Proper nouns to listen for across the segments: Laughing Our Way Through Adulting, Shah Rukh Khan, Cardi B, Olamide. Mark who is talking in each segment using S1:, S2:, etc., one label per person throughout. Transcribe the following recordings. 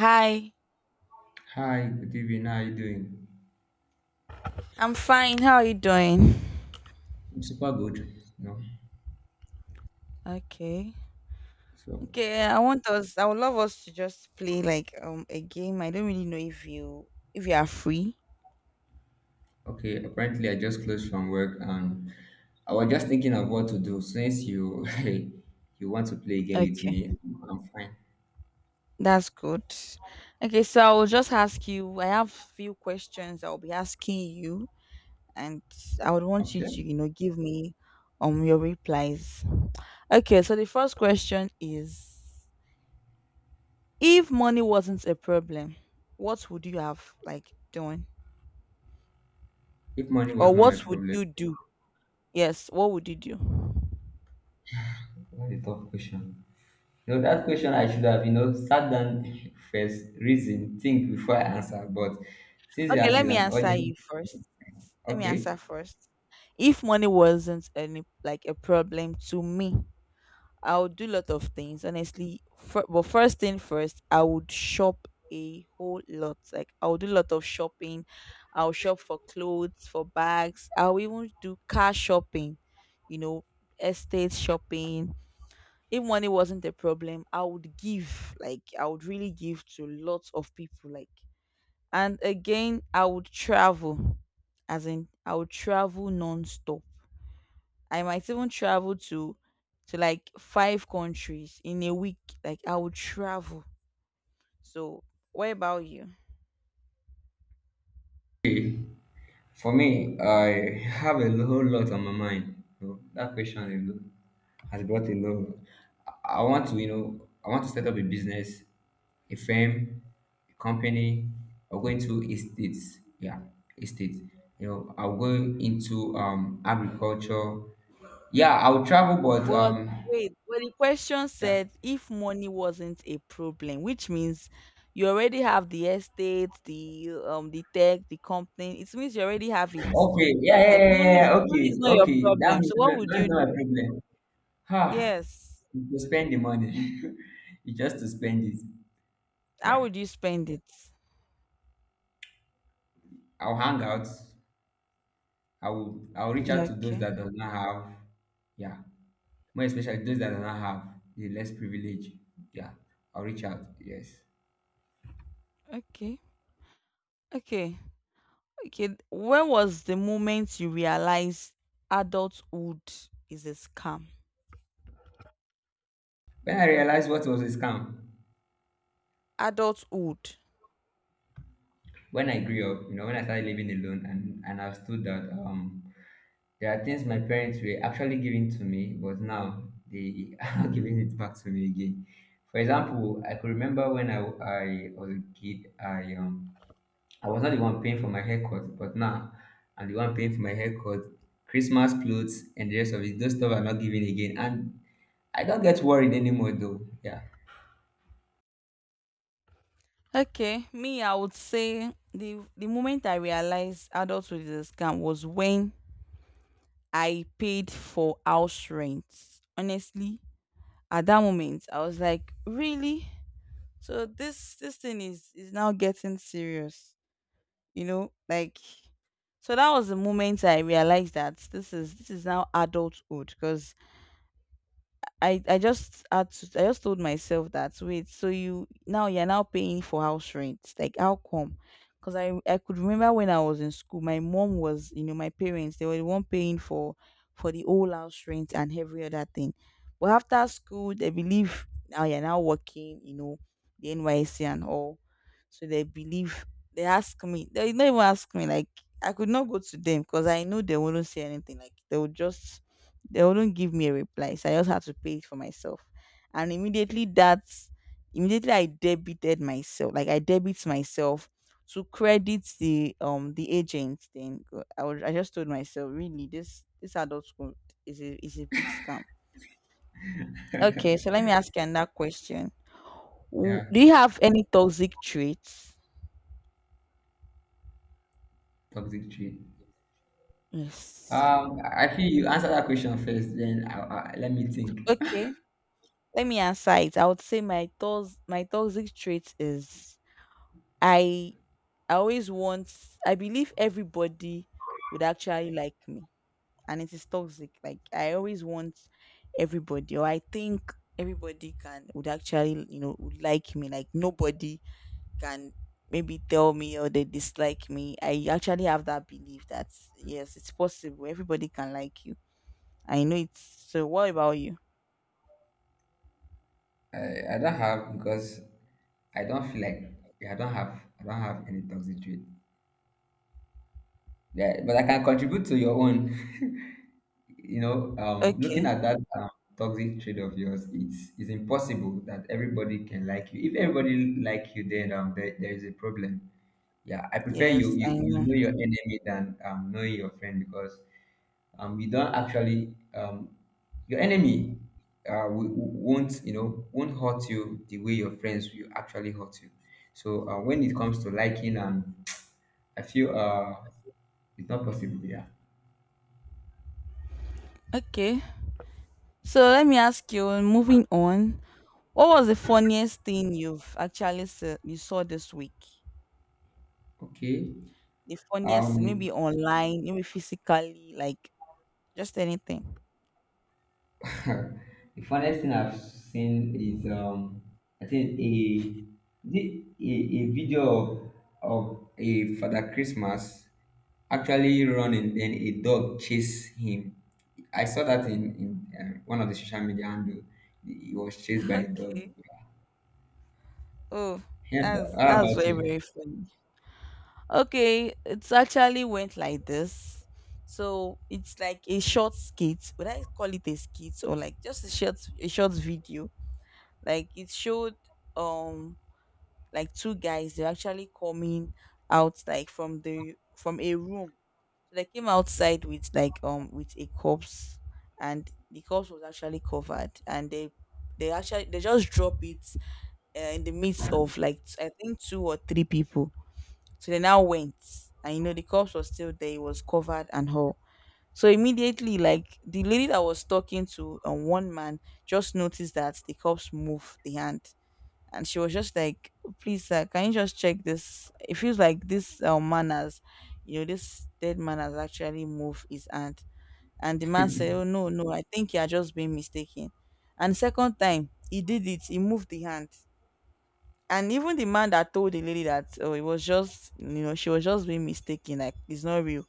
S1: Hi,
S2: Hi, good evening. How are you doing?
S1: I'm fine. How are you doing?
S2: I'm super good. No,
S1: Okay.
S2: so
S1: Okay, I would love us to just play like a game. I don't really know if you are free.
S2: okay. Apparently, I just closed from work, and I was just thinking of what to do. Since you you want to play a game with
S1: Okay.
S2: me, I'm fine.
S1: That's good. Okay, so I will just ask you I have few questions I'll be asking you, and I would want you to,
S2: Okay.
S1: give me your replies. Okay, so the first question is, if money wasn't a problem, what would you have like done?
S2: If money
S1: Or
S2: was not my
S1: what would
S2: problem,
S1: you do? Yes, what would you do?
S2: what a tough question. You know that question I should have sat down first, reason, think before I answer. But since
S1: Okay,
S2: it
S1: let
S2: is
S1: me
S2: an
S1: answer
S2: urgent,
S1: you first. Let me
S2: okay.
S1: answer first. If money wasn't any like a problem to me, I would do a lot of things, honestly. But first thing first, I would shop a whole lot. Like, I would do a lot of shopping. I'll shop for clothes, for bags. I'll even do car shopping, you know, estate shopping. If money wasn't a problem, I would give. Like, I would really give to lots of people. And again, I would travel, as in I would travel non-stop. I might even travel to like five countries in a week. Like, I would travel. So, what about you?
S2: For me, I have a whole lot on my mind. You know, that question alone has brought a lot. I I want to, you know, I want to set up a business, a firm, a company, I'll go into estates. Yeah, estates. You know, I'll go into agriculture. Yeah, I'll travel, but
S1: But wait, well, the question
S2: yeah.
S1: said if money wasn't a problem, which means you already have the estate, the tech, the company. It means you already have it.
S2: Okay, yeah, yeah,
S1: Like,
S2: yeah, yeah.
S1: money
S2: Yeah,
S1: is
S2: okay,
S1: money is not your
S2: okay. That
S1: problem. So
S2: is
S1: what
S2: not,
S1: would
S2: that
S1: you
S2: is not
S1: do?
S2: a problem. Ah,
S1: Yes.
S2: to spend the money, you just to spend it.
S1: How
S2: Yeah,
S1: would you spend it?
S2: I'll hang out. I'll reach out to those
S1: Okay.
S2: that does not have. Yeah, more especially those that do not have the less privilege. Yeah, I'll reach out. Yes.
S1: Okay. Okay. Okay. When was the moment you realized adulthood is a scam?
S2: When I realized what was a scam,
S1: Adulthood.
S2: when I grew up, when I started living alone, and I understood that there are things my parents were actually giving to me, but now they are giving it back to me again. For example, I could remember when I was a kid, I was not the one paying for my haircut, but now I'm the one paying for my haircut, Christmas clothes, and the rest of it. Those stuff are not given again, and I don't get worried anymore though. Yeah,
S1: Okay. Me, I would say the moment I realized adulthood is a scam was when I paid for house rent. Honestly, at that moment, I was like, really? So this thing is now getting serious. You know, like, so that was the moment I realized that this is now adulthood, because I just told myself that, wait, so you're now paying for house rent, like, how come? Because I could remember when I was in school, my mom was you know my parents, they were the one paying for the whole house rent and every other thing. But after school, they believe now you're now working, you know, the NYC and all. So they believe, they not even ask me. Like, I could not go to them, because I know they wouldn't say anything. Like, they wouldn't give me a reply, so I just had to pay it for myself. And immediately I debited myself. Like, I debit myself to credit the agent thing. I just told myself, really, this adult school is a big scam. Okay, so let me ask you another question.
S2: yeah,
S1: Do you have any toxic traits?
S2: toxic tree.
S1: Yes.
S2: I feel you answer that question first, then I, let me think.
S1: Okay, let me answer it. I would say my toxic trait is, I I always want, I believe everybody would actually like me. And it is toxic. Like, I always want everybody, or I think everybody can, would actually, would like me. Like, nobody can maybe tell me or they dislike me. I actually have that belief that, yes, it's possible. Everybody can like you. So what about you?
S2: I don't have because I don't feel like yeah, I don't have any toxic trait. Yeah, but I can contribute to your own. Looking
S1: Okay.
S2: at that toxic trait of yours, it's impossible that everybody can like you. If everybody like you, then there is a problem. Yeah, I prefer you
S1: Yes,
S2: you
S1: I
S2: you
S1: know.
S2: know your enemy than knowing your friend because you don't actually your enemy won't hurt you the way your friends will actually hurt you. So when it comes to liking, I feel it's not possible. Yeah.
S1: Okay. So let me ask you, moving on. What was the funniest thing you've actually you saw this week?
S2: Okay.
S1: The funniest,
S2: Um,
S1: maybe online, maybe physically, like, just anything.
S2: the funniest thing I've seen is I think a video of a Father Christmas actually running, then a dog chased him. I saw that in one of the social media handle. He was chased by a dog.
S1: Okay. Oh,
S2: Yeah,
S1: that's
S2: how
S1: that's
S2: about
S1: very
S2: you?
S1: very funny. Okay, it's actually went like this. So it's like a short skit. Would I call it a skit or like just a short video? Like, it showed um like two guys, they're actually coming out, like, from the from a room. So they came outside with a corpse, and the corpse was actually covered, and they just drop it, in the midst of like I think two or three people. So they now went, and you know the corpse was still there, it was covered and all. So immediately, like, the lady that was talking to one man, just noticed that the corpse moved the hand, and she was just like, "Oh, please, sir, can you just check this? It feels like this manners, you know, this dead man has actually moved his hand." And the man said, "Oh, no, no, I think you are just being mistaken." And second time he did it, he moved the hand. And even the man that told the lady that, oh, it was just, you know, she was just being mistaken, like, it's not real,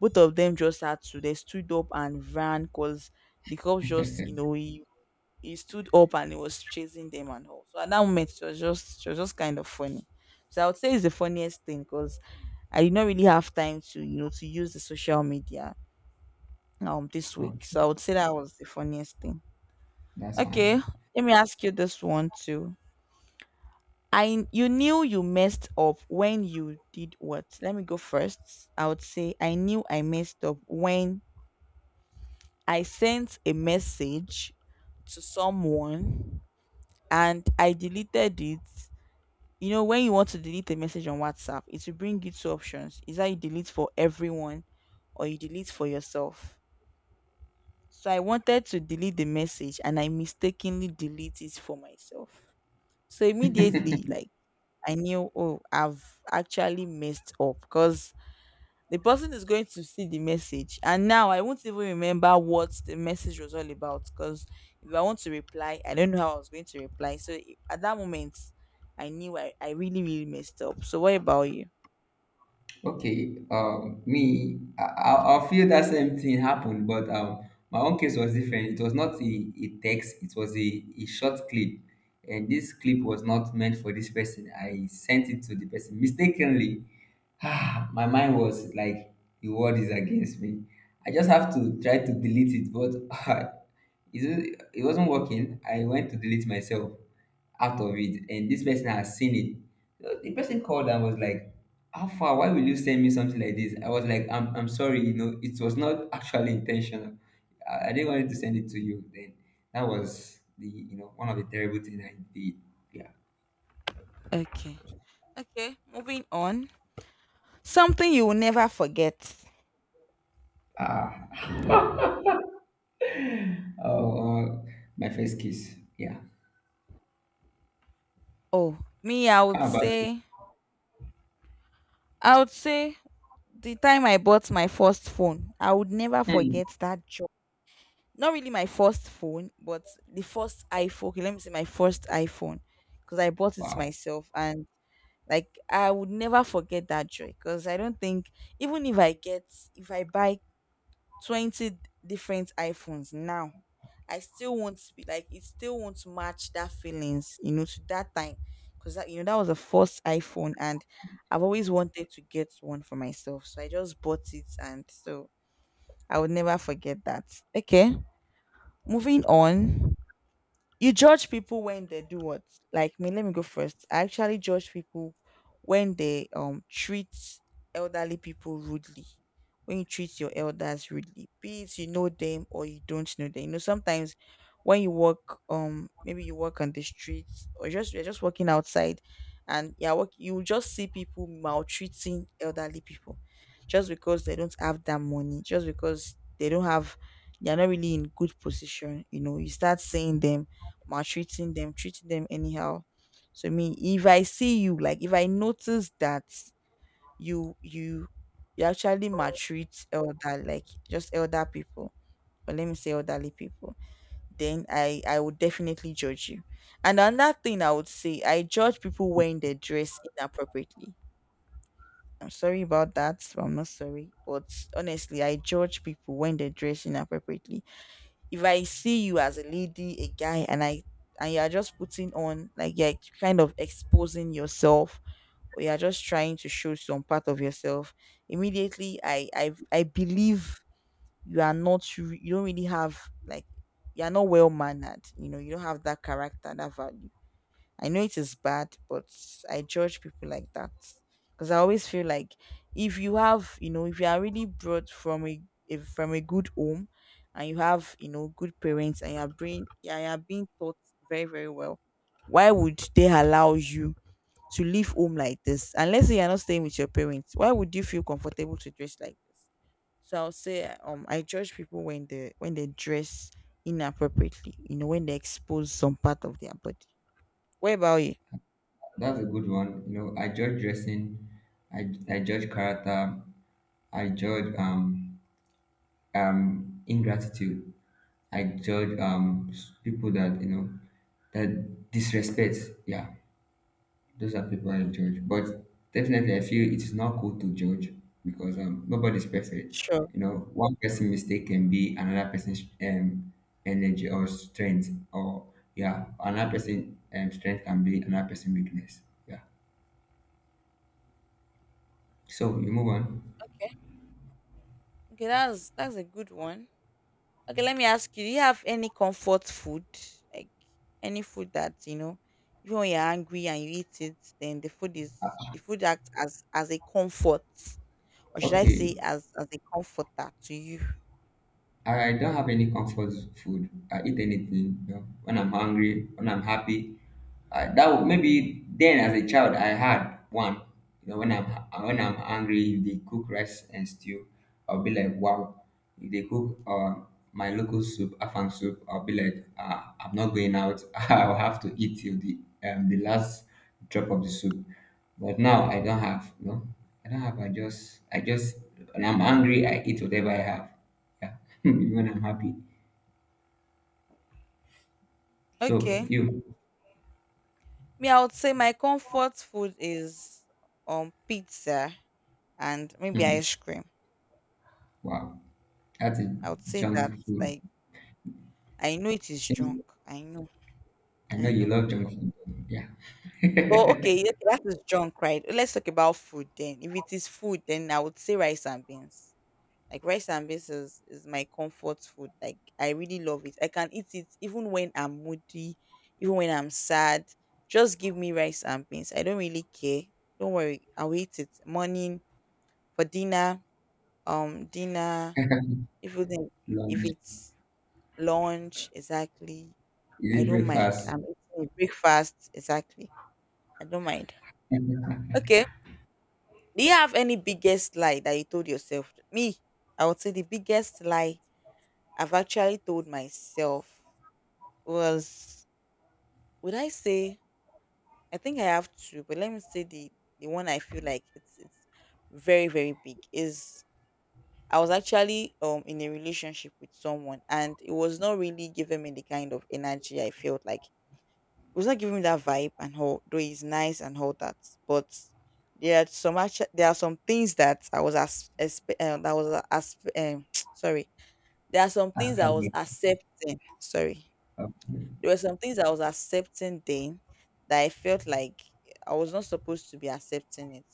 S1: both of them just had to, they stood up and ran, because the cops just, you know, he stood up and he was chasing them and all. So at that moment, it was just kind of funny. So I would say it's the funniest thing, because I did not really have time to use the social media this week.
S2: Okay,
S1: So I would say that was the funniest thing.
S2: that's
S1: Okay,
S2: fine.
S1: let me ask you this one too. I you knew you messed up when you did what? Let me go first. I would say I knew I messed up when I sent a message to someone and I deleted it. You know, when you want to delete a message on WhatsApp, it will bring you two options, is that you delete for everyone or you delete for yourself. So I wanted to delete the message, and I mistakenly delete it for myself. So immediately, like, I knew, oh, I've actually messed up, because the person is going to see the message, and now I won't even remember what the message was all about. Because if I want to reply, I don't know how I was going to reply. So at that moment, I knew I really really messed up. So what about you?
S2: Okay, me, I feel that same thing happened, but my own case was different. It was not a text, it was a short clip. And this clip was not meant for this person. I sent it to the person mistakenly. Ah, my mind was like, the world is against me. I just have to try to delete it, but uh, it it wasn't working. I went to delete myself out of it, and this person has seen it. So the person called and was like, "How far? Why will you send me something like this?" I was like, "I'm sorry, it was not actually intentional. I didn't want to send it to you." Then that was the one of the terrible things I did. Yeah.
S1: Okay. Okay, moving on. Something you will never forget.
S2: Ah. Oh, my first kiss. Yeah.
S1: Oh, me,
S2: How about?
S1: I would say the time I bought my first phone. I would never
S2: Hmm.
S1: forget that joy. Not really my first phone, but the first iPhone. Okay, let me say my first iPhone, because I bought it
S2: Wow,
S1: myself, and, like, I would never forget that joy, because I don't think even if I get, if I buy 20 different iPhones now, I still won't be like, it still won't match that feelings, you know, to that time, because that, you know, that was the first iPhone. And I've always wanted to get one for myself, so I just bought it, and so I would never forget that. Okay, moving on. You judge people when they do what? Like, me, let me go first. I actually judge people when they treat elderly people rudely. When you treat your elders rudely, be it you know them or you don't know them, you know, sometimes when you walk, maybe you walk on the streets, or just you're just walking outside, and, yeah, walk, you will just see people maltreating elderly people, just because they don't have that money, just because they don't have, they're not really in good position, you know, you start seeing them maltreating them, treating them anyhow. So me, if I see you, like, if I notice that you you actually maltreat elder, like, just elder people, or let me say elderly people, then I would definitely judge you. And another thing I would say, I judge people wearing their dress inappropriately. I'm sorry about that, but I'm not sorry. But honestly, I judge people when they dress inappropriately. If I see you as a lady, a guy, and I and you are just putting on, like, you're kind of exposing yourself, or you're just trying to show some part of yourself, immediately I believe you are not you don't really have, like, you are not well mannered. You know, you don't have that character, that value. I know it is bad, but I judge people like that, because I always feel like if you have, you know, if you are really brought from a, if from a good home, and you have, you know, good parents, and you are being, yeah, you are being taught very very well, why would they allow you to leave home like this? And let's say you're not staying with your parents, why would you feel comfortable to dress like this? So I'll say I judge people when they dress inappropriately, you know, when they expose some part of their body. What about you?
S2: that's a good one. You know, I judge dressing, I judge character, I judge ingratitude, I judge people that you know that disrespect. Yeah, those are people I
S1: Okay.
S2: judge. But definitely I feel it is not cool to judge because nobody's perfect.
S1: Sure.
S2: You know, one person mistake can be another person's energy or strength or yeah, another person strength can be another person weakness. Yeah. So you move on.
S1: Okay. Okay, that's a good one. Okay, let me ask you, do you have any comfort food? Like any food that, you know, even when you're angry and you eat it, then the food acts as a comfort. Or should I
S2: Okay.
S1: say as a comforter to you?
S2: I don't have any comfort food. I eat anything. You know, when I'm hungry, when I'm happy, that would, maybe then as a child I had one. You know, when I'm hungry, if they cook rice and stew, I'll be like, wow. If they cook my local soup, afang soup, I'll be like, I'm not going out. I'll have to eat till the last drop of the soup. But now I don't have. You know, I don't have. I just when I'm hungry, I eat whatever I have. Yeah, even I'm happy. So
S1: Okay.
S2: you,
S1: Me, I would say my comfort food is pizza and maybe
S2: hmm,
S1: ice cream.
S2: wow, that's a
S1: I would say that
S2: junk food.
S1: like I know it is junk.
S2: Seems
S1: I know.
S2: I
S1: I
S2: know you
S1: know.
S2: love junk food. Yeah,
S1: But okay, yeah, okay, that is junk, right? Let's talk about food then. If it is food, then I would say rice and beans. Like rice and beans is my comfort food. Like I really love it. I can eat it even when I'm moody, even when I'm sad. Just give me rice and beans. I don't really care. Don't worry, I'll eat it morning for dinner. Dinner, if it's if
S2: lunch
S1: it's lunch exactly. I
S2: is it
S1: don't mind.
S2: breakfast?
S1: I'm eating it breakfast exactly. I don't mind. Okay, do you have any biggest lie that you told yourself? Me, I would say the biggest lie I've actually told myself was, would I say, I think I have two, but let me say the one I feel like it's very very big is I was actually in a relationship with someone and it was not really giving me the kind of energy I felt like. It was not giving me that vibe and all, though it's nice and all that, but there are some things that I was as, expe- that was as sorry, there are some things
S2: Ask
S1: I was
S2: me.
S1: accepting, sorry, there were some things I was accepting then that I felt like I was not supposed to be accepting it.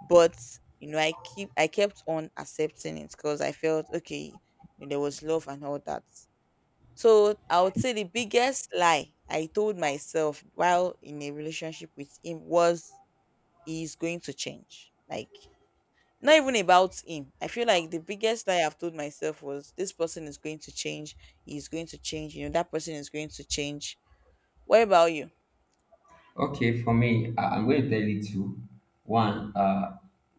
S1: But you know, I kept on accepting it because I felt okay, there was love and all that. So I would say the biggest lie I told myself while in a relationship with him was, he's going to change. Like not even about him. I feel like the biggest lie I've told myself was, this person is going to change. He's going to change. You know, that person is going to change. What about you?
S2: Okay, for me, I'm going to tell you two. One,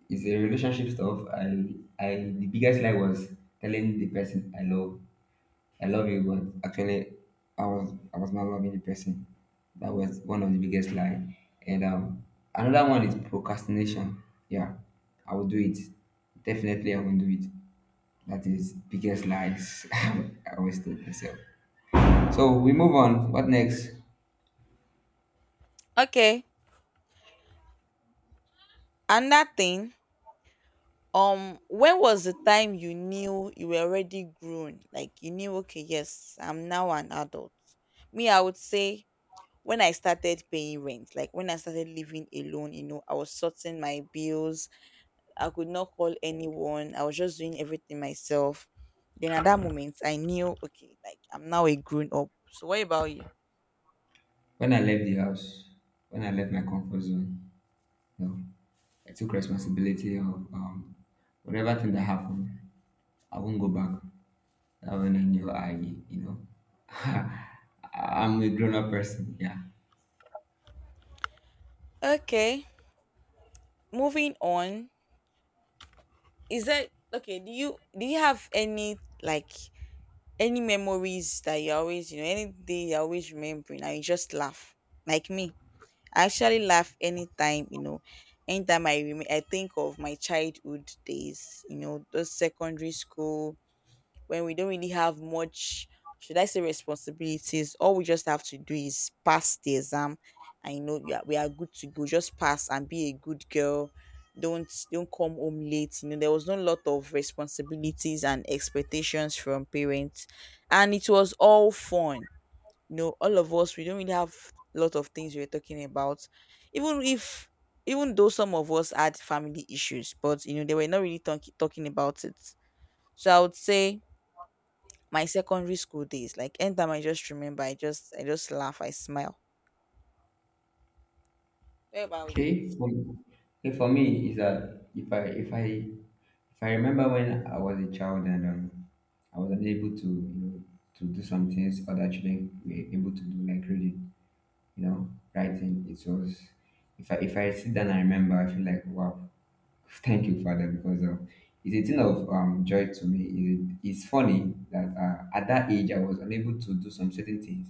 S2: is a relationship stuff. I the biggest lie was telling the person I love you, but actually, I was not loving the person. That was one of the biggest lie. And another one is procrastination. Yeah, I will do it. Definitely, I will do it. That is biggest lies I always told myself. So we move on. What next?
S1: Okay. And that thing. When was the time you knew you were already grown? Like you knew, okay, yes, I'm now an adult. Me, I would say when I started paying rent, like when I started living alone, you know, I was sorting my bills. I could not call anyone. I was just doing everything myself. Then at that moment, I knew, okay, like I'm now a grown up. So what about you?
S2: When I left the house, when I left my comfort zone, no, I took responsibility of whatever thing that happened. I won't go back. That when I knew I, know, I'm a grown up person. Yeah.
S1: Okay, moving on. Is that okay? Do you have any like any memories that you always you know, any day you always remembering and you just laugh like me? I actually laugh anytime, you know, anytime I think of my childhood days, you know, those secondary school when we don't really have much, should I say, responsibilities. All we just have to do is pass the exam, and you know we are good to go. Just pass and be a good girl. Don't come home late. You know, there was no lot of responsibilities and expectations from parents, and it was all fun. You know, all of us, we don't really have a lot of things we're talking about. Even if even though some of us had family issues, but you know, they were not really talking about it. So I would say my secondary school days, like anytime I just remember, I just laugh, I smile. Where about you?
S2: Okay, for me is that if I remember when I was a child and I was unable to to do some things other children were able to do like reading, you know, writing. It was if I sit down and remember, I feel like wow. Thank you, Father, because it's a thing of joy to me. It's funny that at that age I was unable to do some certain things,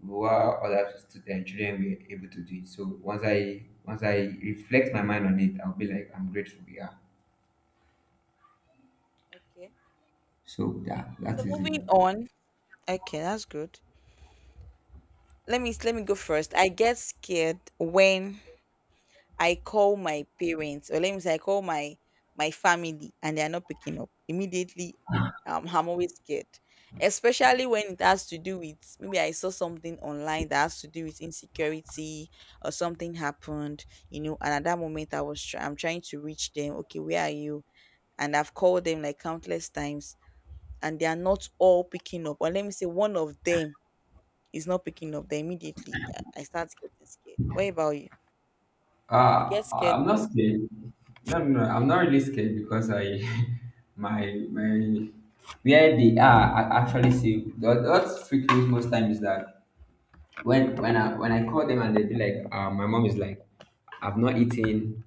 S2: while other children were able to do it. So once I reflect my mind on it, I'll be like, I'm grateful. Yeah.
S1: Okay,
S2: So yeah, that
S1: so
S2: is it.
S1: moving on. Okay, that's good. Let me let me go first. I get scared when I call my parents, or let me say I call my my family, and they are not picking up immediately. I'm always scared, especially when it has to do with maybe I saw something online that has to do with insecurity or something happened, you know. And at that moment, I'm trying to reach them. Okay, where are you? And I've called them like countless times, and they are not all picking up. Or let me say, one of them is not picking up. Then immediately, I start getting scared. What about you? You get scared
S2: I'm not
S1: when?
S2: scared. No, no, no, I'm not really scared because my, where they are, I actually see what freaks me most time is that when I call them and they be like, my mom is like, I've not eaten.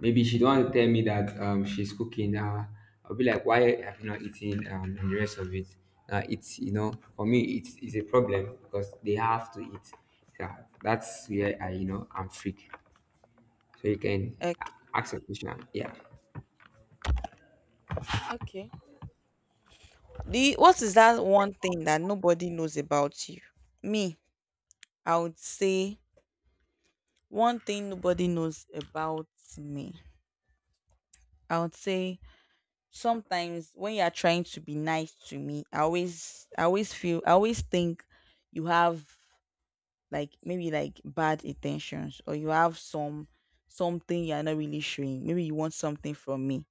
S2: Maybe she don't want to tell me that she's cooking. I'll be like, why have you not eaten and the rest of it? It's you know for me it's a problem because they have to eat. Yeah, that's where I'm freak. So you can
S1: Okay.
S2: ask a question. Yeah.
S1: Okay. The, what is that one thing that nobody knows about you? Me, I would say one thing nobody knows about me. I would say sometimes when you are trying to be nice to me, I always think you have like maybe like bad intentions, or you have some something you are not really showing. Maybe you want something from me.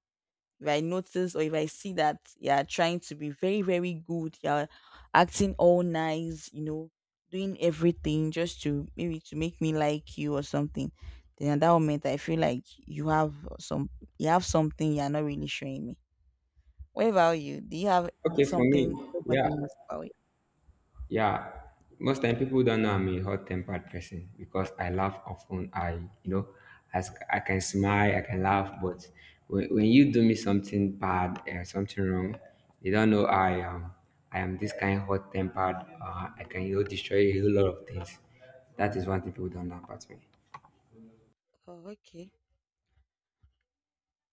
S1: If I notice or if I see that you're trying to be very, very good, you're acting all nice, you know, doing everything just to maybe to make me like you or something, then at that moment I feel like you have something you're not really showing me. What about you? Do you have
S2: Okay, for me,
S1: something nobody
S2: yeah.
S1: knows about you?
S2: Yeah, most time people don't know I'm a hot-tempered person because I laugh often. I, you know, I, s- I can smile, I can laugh, but when you do me something bad or something wrong, they don't know I am. I am this kind of hot-tempered. I can, destroy a whole lot of things. That is one thing people don't know about me.
S1: Oh, okay.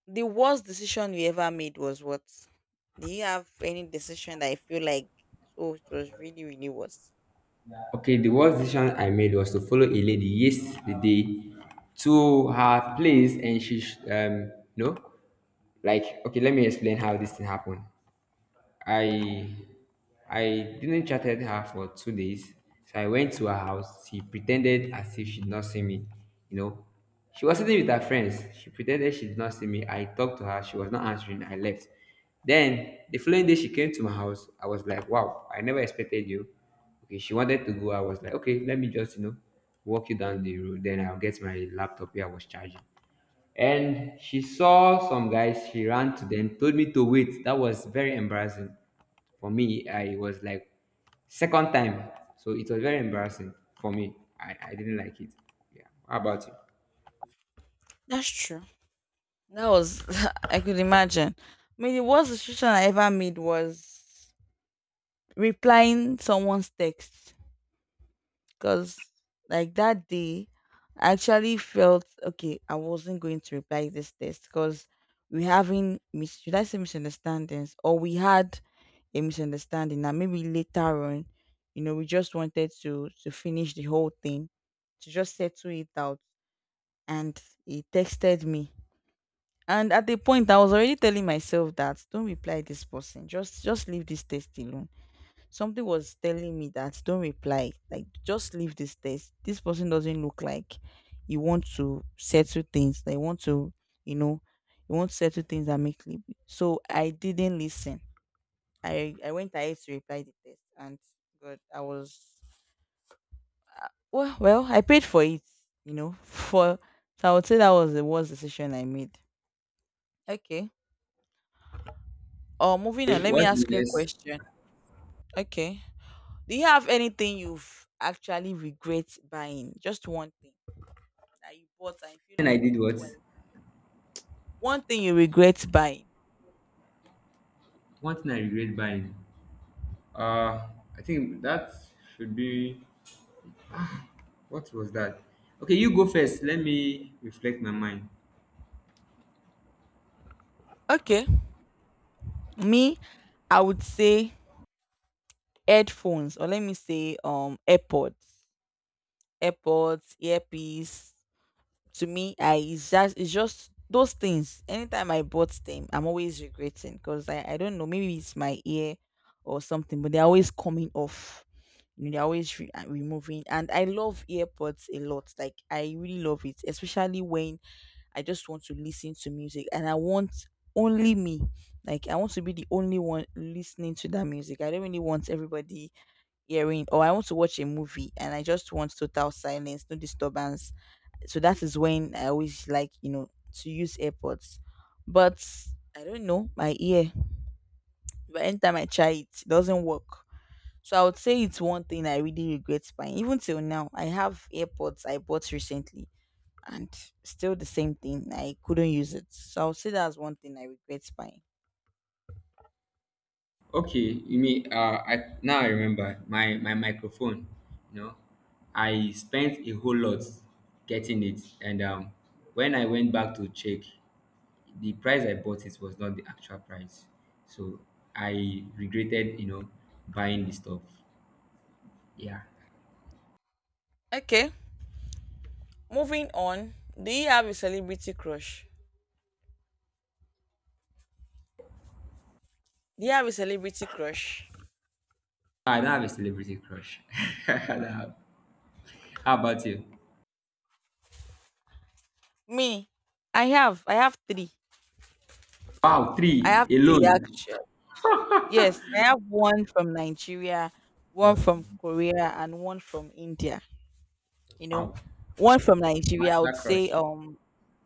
S1: The worst decision you ever made was what? Do you have any decision that I feel like, oh, it was really, really worse?
S2: Okay, the worst decision I made was to follow a lady yesterday to her place. And she, sh- um, you know, like okay let me explain how this thing happened. I I didn't chatted her for 2 days. So I went to her house. She pretended as if she did not see me. You know, she was sitting with her friends. She pretended she did not see me. I talked to her. She was not answering. I left. Then the following day, she came to my house. I was like, wow, I never expected you. Okay, she wanted to go. I was like, okay, let me just, walk you down the road. Then I'll get my laptop here. I was charging. And she saw some guys, she ran to them, told me to wait. That was very embarrassing for me. I was like, second time. So it was very embarrassing for me. I didn't like it. Yeah. How about you?
S1: That's true. That was, I could imagine. I mean, the worst decision I ever made was replying someone's text, because like that day, I actually felt okay. I wasn't going to reply this text because should I say misunderstandings, or we had a misunderstanding, and maybe later on, you know, we just wanted to finish the whole thing to just settle it out. And he texted me, and at the point, I was already telling myself that, don't reply this person. Just leave this text alone. Something was telling me that don't reply. Like just leave this text. This person doesn't look like you want to settle things. They want to, you know, you want to settle things and make live. So I didn't listen. I went ahead to reply the text, and God, I was well. Well, I paid for it. You know, for, so I would say that was the worst decision I made. Okay. Oh, moving on.
S2: Okay,
S1: Let me
S2: what's the
S1: ask you a
S2: next?
S1: question. Okay. Do you have anything you've actually regret buying? Just one thing that you bought and you feel
S2: And I
S1: like,
S2: did
S1: oh, I...
S2: what?
S1: wish- one thing you regret buying.
S2: One thing I regret buying. Uh, I think that should be. What was that? Okay, you go first. Let me reflect my mind.
S1: Okay. Me, I would say headphones, or let me say AirPods, AirPods, earpiece. To me, I it's just those things. Anytime I bought them, I'm always regretting because I don't know, maybe it's my ear or something, but they're always coming off. You know, they're always removing, and I love earpods a lot. Like I really love it, especially when I just want to listen to music and I want only me, like I want to be the only one listening to that music. I don't really want everybody hearing, or I want to watch a movie and I just want total silence, no disturbance. So that is when I always like, you know, to use airpods. But I don't know my ear, but anytime I try it, it doesn't work. So I would say it's one thing I really regret buying. Even till now, I have AirPods I bought recently, and still the same thing. I couldn't use it. So I would say that's one thing I regret buying.
S2: Okay, you mean I now I remember my microphone. You know, I spent a whole lot getting it, and when I went back to check, the price I bought it was not the actual price. So I regretted, buying the stuff. Yeah,
S1: Okay, moving on. Do you have a celebrity crush? Do you have a celebrity crush?
S2: Ah, I don't have a celebrity crush. I don't have. How about you?
S1: Me, I have. I have three.
S2: Wow,
S1: I
S2: three
S1: have three
S2: alone.
S1: actually. Yes, I have one from Nigeria, one from Korea, and one from India. You know,
S2: Wow,
S1: one from Nigeria I
S2: master
S1: would say
S2: crush.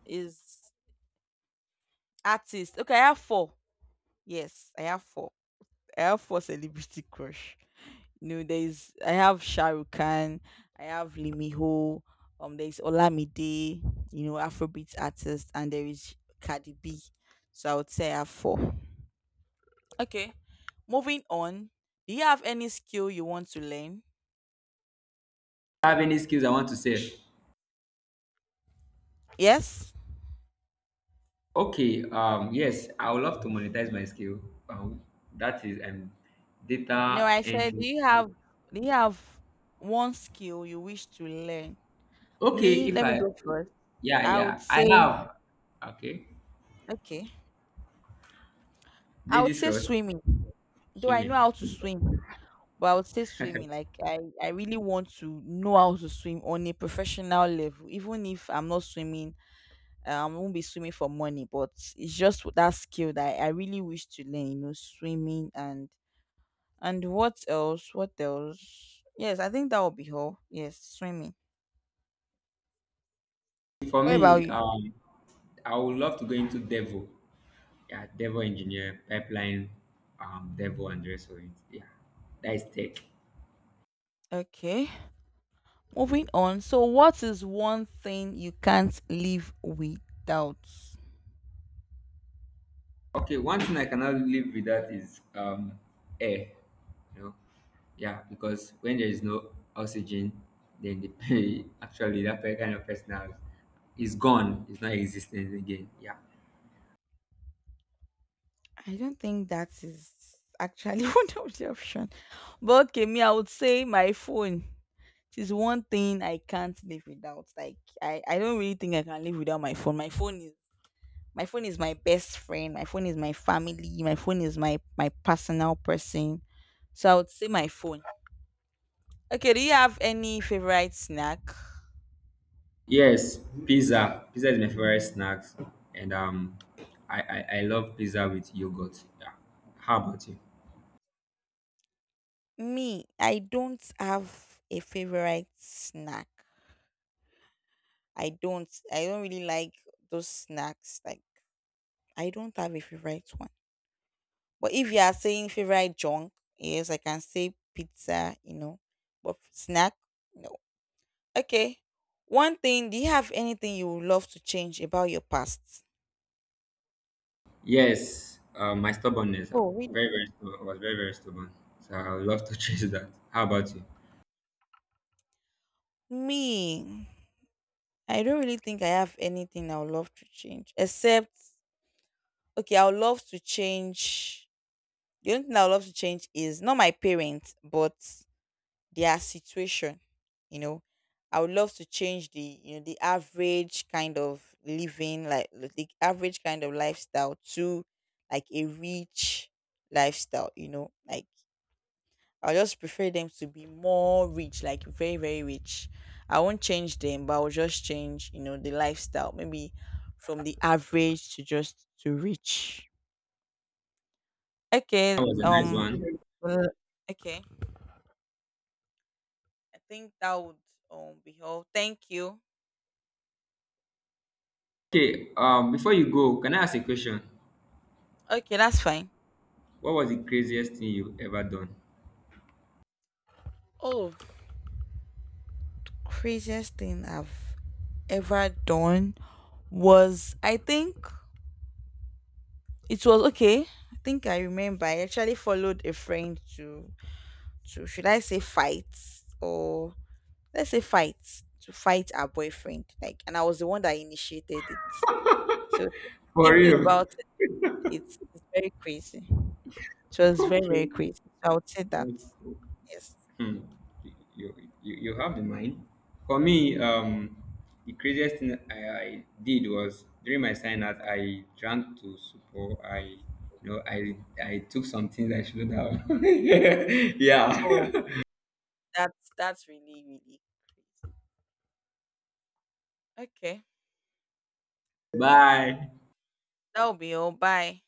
S1: is Artist. Okay, I have 4. Yes, I have 4. I have 4 celebrity crush. No, there's, I have Shah Rukh Khan, I have Lee, there's Olamide, you know, Afrobeat artist, and there is Cardi B. So I would say I have 4. Okay, moving on. Do you have any skill you want to learn?
S2: Have any skills I want to say?
S1: Yes?
S2: Okay, yes, I would love to monetize my skill. Um, that is
S1: No,
S2: data
S1: I said,
S2: entry.
S1: do you have one skill you wish to learn?
S2: Okay,
S1: Me,
S2: if
S1: let me
S2: I,
S1: go first.
S2: yeah,
S1: I would
S2: yeah, I
S1: say,
S2: have. Okay,
S1: okay. I would
S2: ladies
S1: say
S2: first.
S1: swimming, though I know
S2: Swimming.
S1: how to swim, but I would say swimming. Like I really want to know how to swim on a professional level. Even if I'm not swimming, I won't be swimming for money. But it's just that skill that I really wish to learn. You know, swimming and what else? What else? Yes, I think that would be all. Yes, swimming.
S2: For
S1: What about
S2: me,
S1: you?
S2: I would love to go into Devo. Yeah, Devo engineer, pipeline, Devo and the rest of it. Yeah, that is tech.
S1: Okay, moving on. So, what is one thing you can't live without?
S2: Okay, one thing I cannot live without is air. You know, yeah, because when there is no oxygen, then the pay actually that kind of person is gone. It's not existing again. Yeah.
S1: I don't think that is actually one of the options. But okay, me, I would say my phone. It is one thing I can't live without. Like I don't really think I can live without my phone. My phone is my best friend. My phone is my family. My phone is my my personal person. So I would say my phone. Okay, do you have any favorite snack?
S2: Yes, pizza. Pizza is my favorite snacks, and I love pizza with yogurt. Yeah. How about you?
S1: Me, I don't have a favorite snack. I don't really like those snacks, like I don't have a favorite one. But if you are saying favorite junk, yes, I can say pizza, you know. But snack, no. Okay. One thing, do you have anything you would love to change about your past?
S2: Yes, my stubbornness.
S1: Oh, really?
S2: Very very stubborn. I was very very stubborn. So I would love to change that. How about you?
S1: Me, I don't really think I have anything I would love to change. Except, okay, I would love to change. The only thing I would love to change is not my parents, but their situation, you know. I would love to change the, you know, the average kind of living, like the average kind of lifestyle to like a rich lifestyle, you know. Like I just prefer them to be more rich, like very very rich. I won't change them, but I'll just change, you know, the lifestyle, maybe from the average to just to rich. okay
S2: That was a nice
S1: um
S2: one.
S1: well, okay, I think that would be all. Thank you.
S2: Okay, before you go, can I ask a question?
S1: Okay, that's fine.
S2: What was the craziest thing you ever done?
S1: Oh, craziest thing I've ever done was, I think it was okay. I think I remember I actually followed a friend to, should I say fight, or let's say fight to fight our boyfriend. Like, and I was the one that initiated it. So
S2: For
S1: thinking
S2: real.
S1: about it, it's very crazy. It was very,
S2: Okay,
S1: very crazy. So I would say that.
S2: that's cool.
S1: Yes.
S2: Hmm. You, you have the mind. For me, the craziest thing I did was during my sign out, I drank to support. You know, I I took some things I shouldn't have. yeah.
S1: Oh. That's really, really okay.
S2: Bye.
S1: That'll be all. Bye.